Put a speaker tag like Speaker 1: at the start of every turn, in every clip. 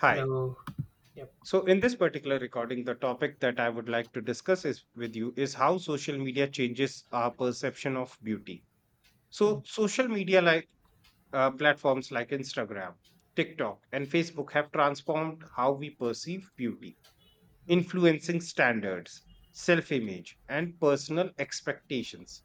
Speaker 1: Hi.
Speaker 2: Hello. Yep.
Speaker 1: So, in this particular recording, the topic that I would like to discuss is with you is how social media changes our perception of beauty. So, social media like platforms like Instagram, TikTok, and Facebook have transformed how we perceive beauty,
Speaker 2: Mhm.
Speaker 1: influencing standards, self image, and personal expectations.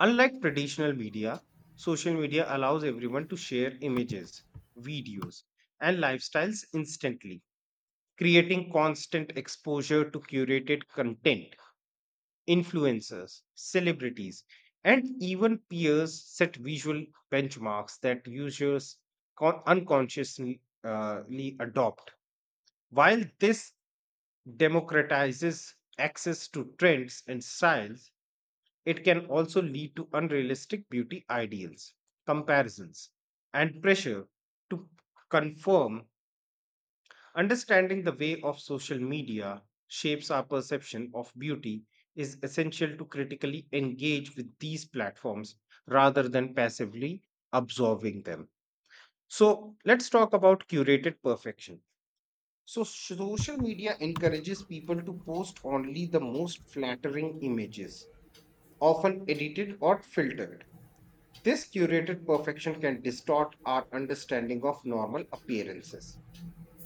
Speaker 1: Unlike traditional media, social media allows everyone to share images, videos, and lifestyles instantly, creating constant exposure to curated content. Influencers, celebrities, and even peers set visual benchmarks that users unconsciously ly adopt. While this democratizes access to trends and styles, it can also lead to unrealistic beauty ideals, comparisons, and pressure to conform. Understanding the way of social media shapes our perception of beauty is essential to critically engage with these platforms rather than passively absorbing them. So, let's talk about curated perfection. So, social media encourages people to post only the most flattering images, often edited or filtered. This curated perfection can distort our understanding of normal appearances.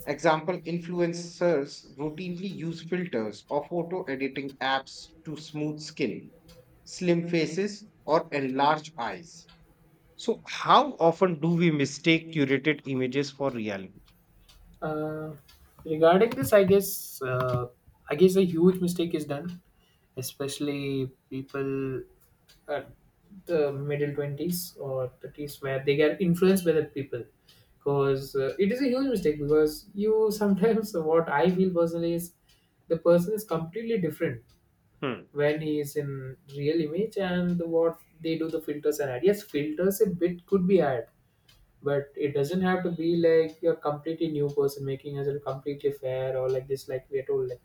Speaker 1: Example, influencers routinely use filters or photo editing apps to smooth skin, slim faces, or enlarged eyes. So, how often do we mistake curated images for reality?
Speaker 2: Uh, Regarding this, I guess a huge mistake is done, especially people at the middle twenties or thirties where they get influenced by the people. Because it is a huge mistake because you sometimes what I feel personally is the person is completely different
Speaker 1: Hmm,
Speaker 2: when he is in real image, and what they do the filters and add, yes, filters a bit could be add, but it doesn't have to be like you're completely new person making yourself completely fair or like this, like we're told, like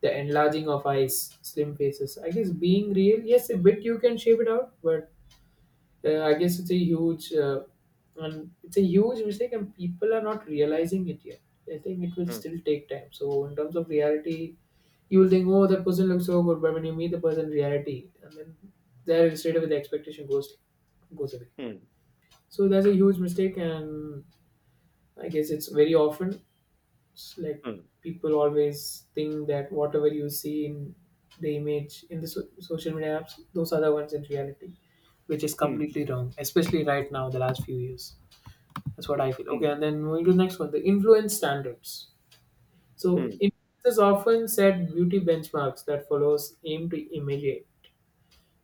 Speaker 2: the enlarging of eyes, slim faces, I guess being real, yes, a bit you can shape it out, but I guess it's a huge, and it's a huge mistake, and people are not realizing it yet. I think it will
Speaker 1: hmm,
Speaker 2: still take time. So in terms of reality, you will think, oh, that person looks so good, but when you meet the person in reality, and then there straight away the expectation goes away.
Speaker 1: hmm,
Speaker 2: So that's a huge mistake, and I guess it's very often. It's like
Speaker 1: hmm,
Speaker 2: people always think that whatever you see in the image in the social media apps, those are the ones in reality, which is
Speaker 1: hmm,
Speaker 2: completely wrong, especially right now, the last few years. That's what I feel. Okay,
Speaker 1: hmm,
Speaker 2: and then moving to the next one, the influence standards.
Speaker 1: hmm,
Speaker 2: So,
Speaker 1: hmm.
Speaker 2: influencers often set beauty benchmarks that followers aim to emulate.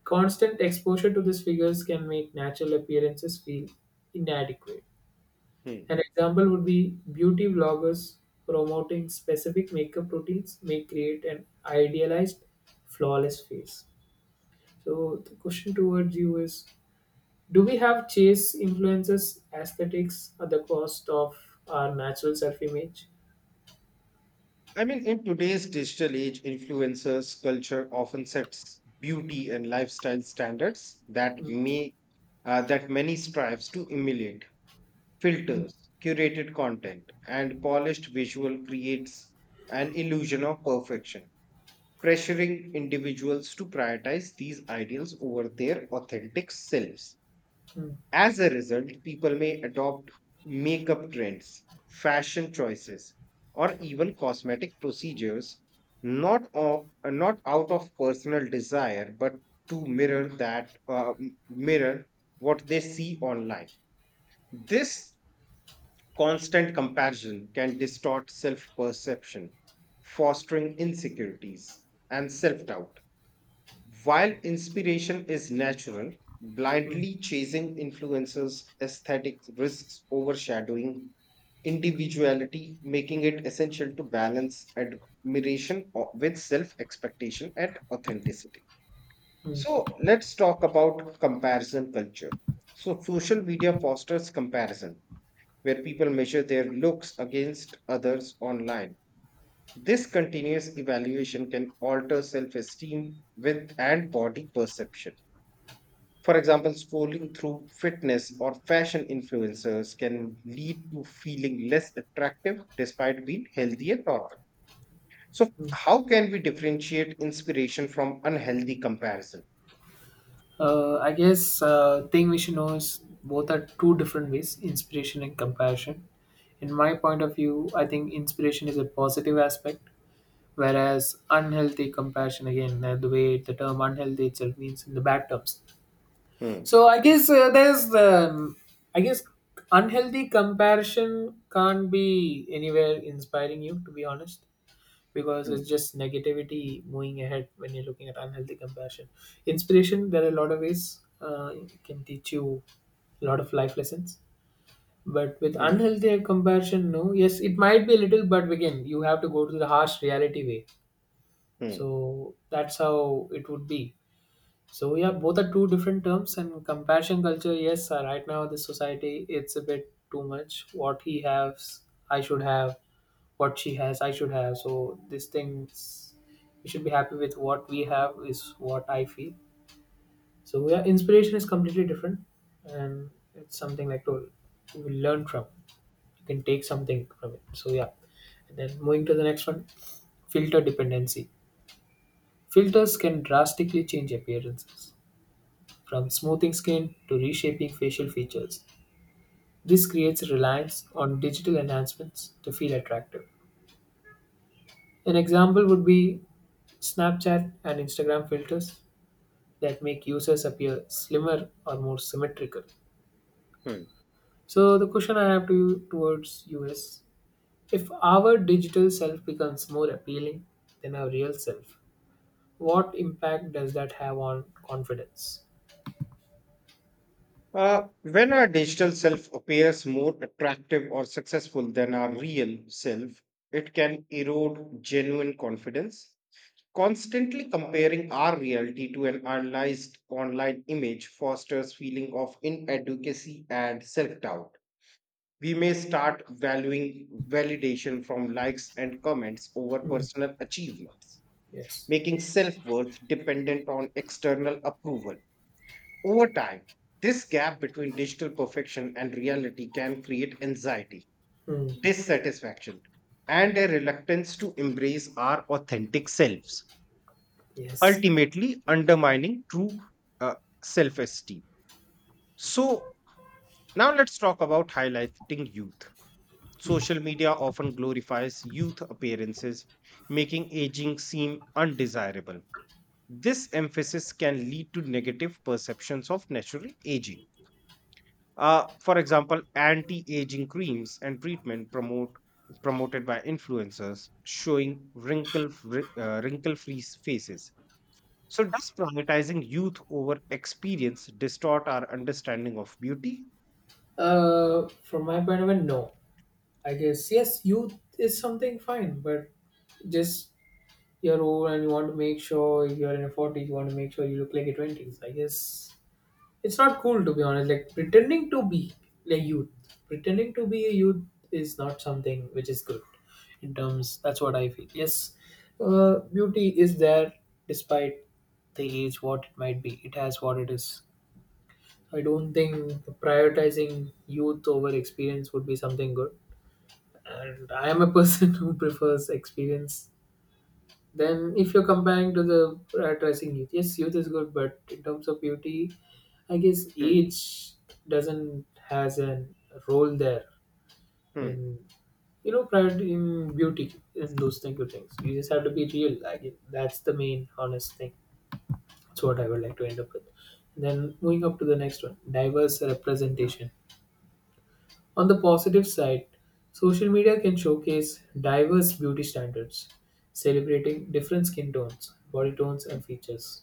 Speaker 2: Constant exposure to these figures can make natural appearances feel inadequate.
Speaker 1: hmm.
Speaker 2: An example would be beauty vloggers promoting specific makeup routines may create an idealized, flawless face. So the question towards you is, do we have chase influences aesthetics at the cost of our natural self image?
Speaker 1: I mean, in today's digital age, influencers culture often sets beauty and lifestyle standards that
Speaker 2: Mm,
Speaker 1: may that many strives to emulate.
Speaker 2: mm,
Speaker 1: Filters, curated content, and polished visual creates an illusion of perfection, pressuring individuals to prioritize these ideals over their authentic selves.
Speaker 2: mm,
Speaker 1: As a result, people may adopt makeup trends, fashion choices, or even cosmetic procedures not out of personal desire but to mirror mirror what they see online. This constant comparison can distort self perception, fostering insecurities and self doubt. While inspiration is natural,
Speaker 2: mm,
Speaker 1: blindly chasing influencers' aesthetic risks overshadowing individuality, making it essential to balance with self expectation and authenticity.
Speaker 2: mm.
Speaker 1: So, let's talk about comparison culture. So, social media fosters comparison, where people measure their looks against others online. This continuous evaluation can alter self esteem with and body perception. For example, scrolling through fitness or fashion influencers can lead to feeling less attractive despite being healthy and normal. So, how can we differentiate inspiration from unhealthy comparison?
Speaker 2: I guess, thing we should know is both are two different ways, inspiration and compassion. In my point of view, I think inspiration is a positive aspect, whereas unhealthy compassion, again, the way the term unhealthy itself means in the bad terms.
Speaker 1: Hmm.
Speaker 2: So I guess unhealthy comparison can't be anywhere inspiring, you to be honest, because it's
Speaker 1: Hmm.
Speaker 2: just negativity moving ahead when you're looking at unhealthy compassion. Inspiration, there are a lot of ways it can teach you a lot of life lessons, but with
Speaker 1: Hmm.
Speaker 2: unhealthy compassion, no, yes, it might be a little, but again you have to go to the harsh reality way.
Speaker 1: Hmm.
Speaker 2: So that's how it would be. So yeah, both are two different terms, and compassion culture. Yes, right now the society it's a bit too much. What he has, I should have. What she has, I should have. So these things, we should be happy with what we have is what I feel. So yeah, inspiration is completely different, and it's something like to, you will learn from. You can take something from it. So yeah, and then moving to the next one, filter dependency. Filters can drastically change appearances, from smoothing skin to reshaping facial features. This creates reliance on digital enhancements to feel attractive. An example would be Snapchat and Instagram filters that make users appear slimmer or more symmetrical.
Speaker 1: Hmm.
Speaker 2: So, the question I have to you towards you is, if our digital self becomes more appealing than our real self, what impact does that have on confidence?
Speaker 1: When our digital self appears more attractive or successful than our real self, it can erode genuine confidence. Constantly comparing our reality to an analyzed online image fosters feeling of inadequacy and self-doubt. We may start valuing validation from likes and comments over
Speaker 2: Mm,
Speaker 1: personal achievements,
Speaker 2: yes.
Speaker 1: making self-worth dependent on external approval. Over time, this gap between digital perfection and reality can create anxiety,
Speaker 2: Mm.
Speaker 1: dissatisfaction, and a reluctance to embrace our authentic selves,
Speaker 2: Yes.
Speaker 1: ultimately undermining true uh, self esteem. So, now let's talk about highlighting youth. Social media often glorifies youth appearances, making aging seem undesirable. This emphasis can lead to negative perceptions of natural aging. For example, anti-aging creams and treatment promote promoted by influencers showing wrinkle-free faces. So, does prioritizing youth over experience distort our understanding of beauty?
Speaker 2: From my point of view, no. I guess yes, youth is something fine, but just you're old and you want to make sure you're in your forties, you want to make sure you look like your twenties. I guess it's not cool, to be honest. Like pretending to be like youth, pretending to be a youth is not something which is good. In terms, that's what I feel. Yes, beauty is there despite the age, what it might be. It has what it is. I don't think prioritizing youth over experience would be something good. And I am a person who prefers experience. Then, if you're comparing to the prioritizing youth, yes, youth is good, but in terms of beauty, I guess
Speaker 1: Hmm,
Speaker 2: age doesn't has a role there
Speaker 1: hmm,
Speaker 2: in, you know, priority in beauty in those kind of things. You just have to be real. I guess that's the main honest thing. That's what I would like to end up with. Then moving up to the next one, diverse representation. On the positive side, social media can showcase diverse beauty standards, celebrating different skin tones, body tones,
Speaker 1: hmm,
Speaker 2: and features.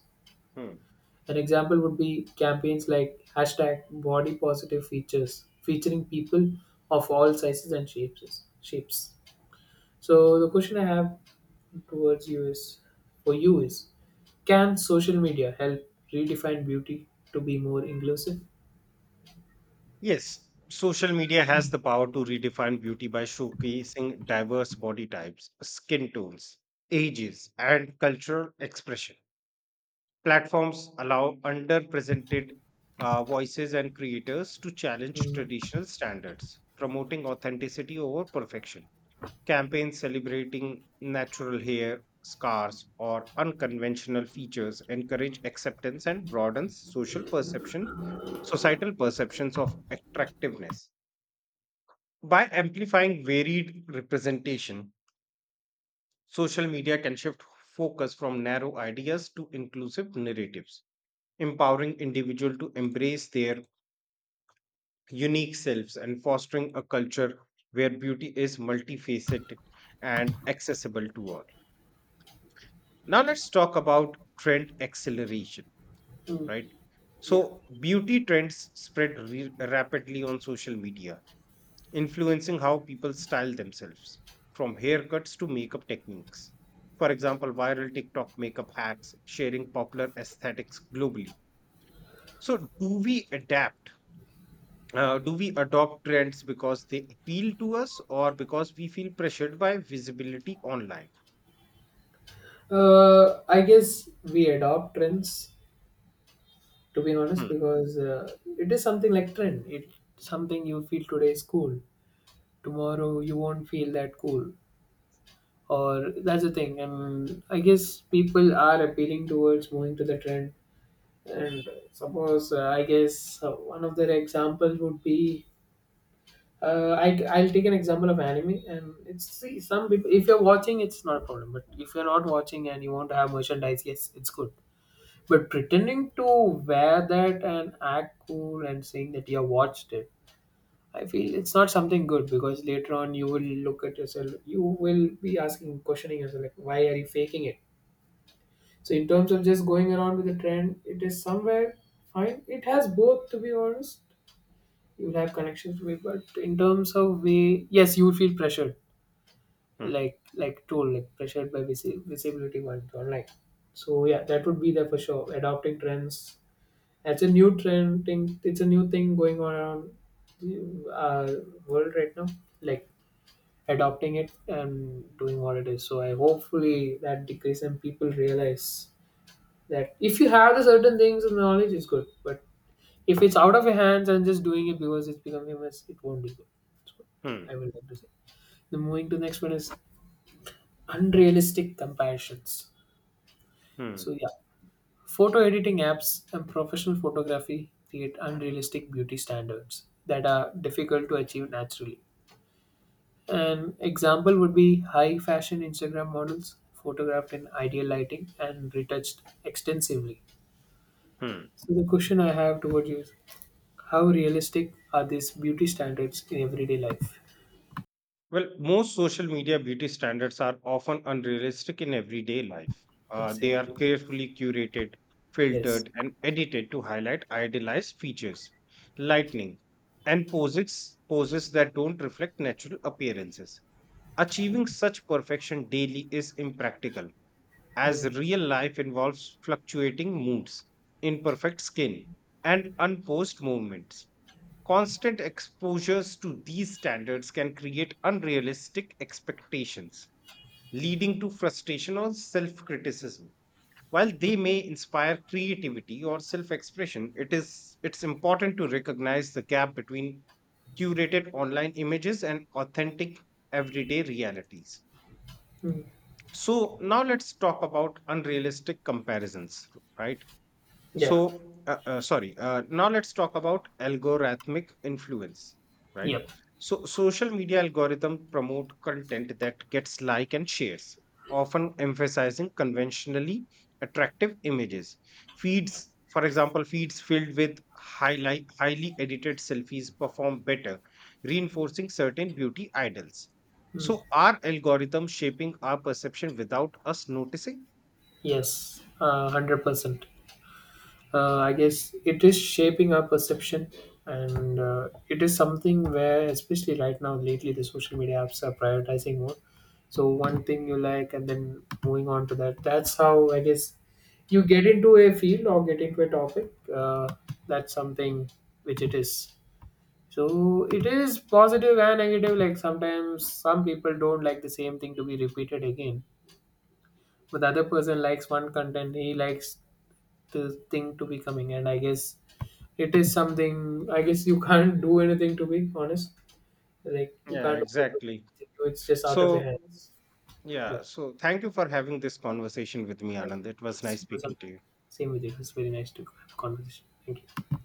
Speaker 1: hmm.
Speaker 2: An example would be campaigns like hashtag body positive features, featuring people of all sizes and shapes. So the question I have towards you is, for you is, can social media help redefine beauty to be more inclusive?
Speaker 1: Yes, social media has the power to redefine beauty by showcasing diverse body types, skin tones, ages, and cultural expression. Platforms allow underrepresented voices and creators to challenge traditional standards, promoting authenticity over perfection. Campaigns celebrating natural hair, scars, or unconventional features encourage acceptance and broadens societal perceptions of attractiveness. By amplifying varied representation, social media can shift focus from narrow ideas to inclusive narratives, empowering individuals to embrace their unique selves and fostering a culture where beauty is multifaceted and accessible to all. Now let's talk about trend acceleration,
Speaker 2: Mm,
Speaker 1: right?
Speaker 2: yeah.
Speaker 1: So beauty trends spread rapidly on social media, influencing how people style themselves, from haircuts to makeup techniques. For example, viral TikTok makeup hacks sharing popular aesthetics globally. So do we adopt trends because they appeal to us or because we feel pressured by visibility online?
Speaker 2: I guess we adopt trends, to be honest,
Speaker 1: Hmm,
Speaker 2: because it is something like trend, it something you feel today is cool, tomorrow you won't feel that cool, or that's the thing. I guess people are appealing towards moving to the trend, and suppose, one of their examples would be, I'll take an example of anime, and it's, see, some people, if you're watching, it's not a problem, but if you're not watching and you want to have merchandise, yes, it's good. But pretending to wear that and act cool and saying that you have watched it, I feel it's not something good because later on you will look at yourself, you will be asking, questioning yourself, like, why are you faking it? So, in terms of just going around with the trend, it is somewhere fine. It has both, to be honest. You'll have connections with, but in terms of way, yes, you will feel pressured,
Speaker 1: hmm,
Speaker 2: like told, like pressured by visibility one online. So, yeah, that would be there for sure. Adopting trends, that's a new trend thing. It's a new thing going on around the world right now. Like adopting it and doing what it is. So I hopefully that decrease and people realize that if you have the certain things and knowledge is good, but if it's out of your hands and just doing it because it's becoming a mess, it won't be good. That's what
Speaker 1: hmm,
Speaker 2: I would like to say. Then moving to the next one is unrealistic comparisons.
Speaker 1: hmm,
Speaker 2: So yeah, photo editing apps and professional photography create unrealistic beauty standards that are difficult to achieve naturally. An example would be high fashion Instagram models photographed in ideal lighting and retouched extensively.
Speaker 1: hmm.
Speaker 2: So, the question I have towards you is, how realistic are these beauty standards in everyday life?
Speaker 1: Well, most social media beauty standards are often unrealistic in everyday life. They are
Speaker 2: Exactly.
Speaker 1: carefully curated,
Speaker 2: Yes.
Speaker 1: filtered, and edited to highlight idealized features, lightning, and poses that don't reflect natural appearances. Achieving such perfection daily is impractical, as real life involves fluctuating moods, imperfect skin, and unposed movements. Constant exposures to these standards can create unrealistic expectations, leading to frustration or self criticism. While they may inspire creativity or self expression, it's important to recognize the gap between curated online images and authentic everyday realities. So now let's talk about unrealistic comparisons, right?
Speaker 2: Yeah.
Speaker 1: So, sorry. Now let's talk about algorithmic influence, right?
Speaker 2: Yep.
Speaker 1: So, social media algorithm promote content that gets like and shares, often emphasizing conventionally attractive images. For example, feeds filled with highly edited selfies perform better, reinforcing certain beauty idols. So, are algorithms shaping our perception without us noticing?
Speaker 2: Yes. 100%. I guess it is shaping our perception, and it is something where, especially right now, lately, the social media apps are prioritizing more. So one thing you like, and then moving on to that. That's how I guess you get into a field or get into a topic. That's something which it is. So it is positive and negative. Like sometimes some people don't like the same thing to be repeated again. But the other person likes one content, he likes the thing to be coming, and I guess it is something, I guess you can't do anything, to be honest, like you
Speaker 1: Yeah,
Speaker 2: can't overlook
Speaker 1: exactly.
Speaker 2: anything, it's just out of your
Speaker 1: So,
Speaker 2: hands.
Speaker 1: yeah,
Speaker 2: Yep.
Speaker 1: so thank you for having this conversation with me,
Speaker 2: And
Speaker 1: Anand. It was
Speaker 2: yes,
Speaker 1: nice
Speaker 2: it was a,
Speaker 1: speaking to you.
Speaker 2: same with you, it was very nice to have a conversation. Thank you.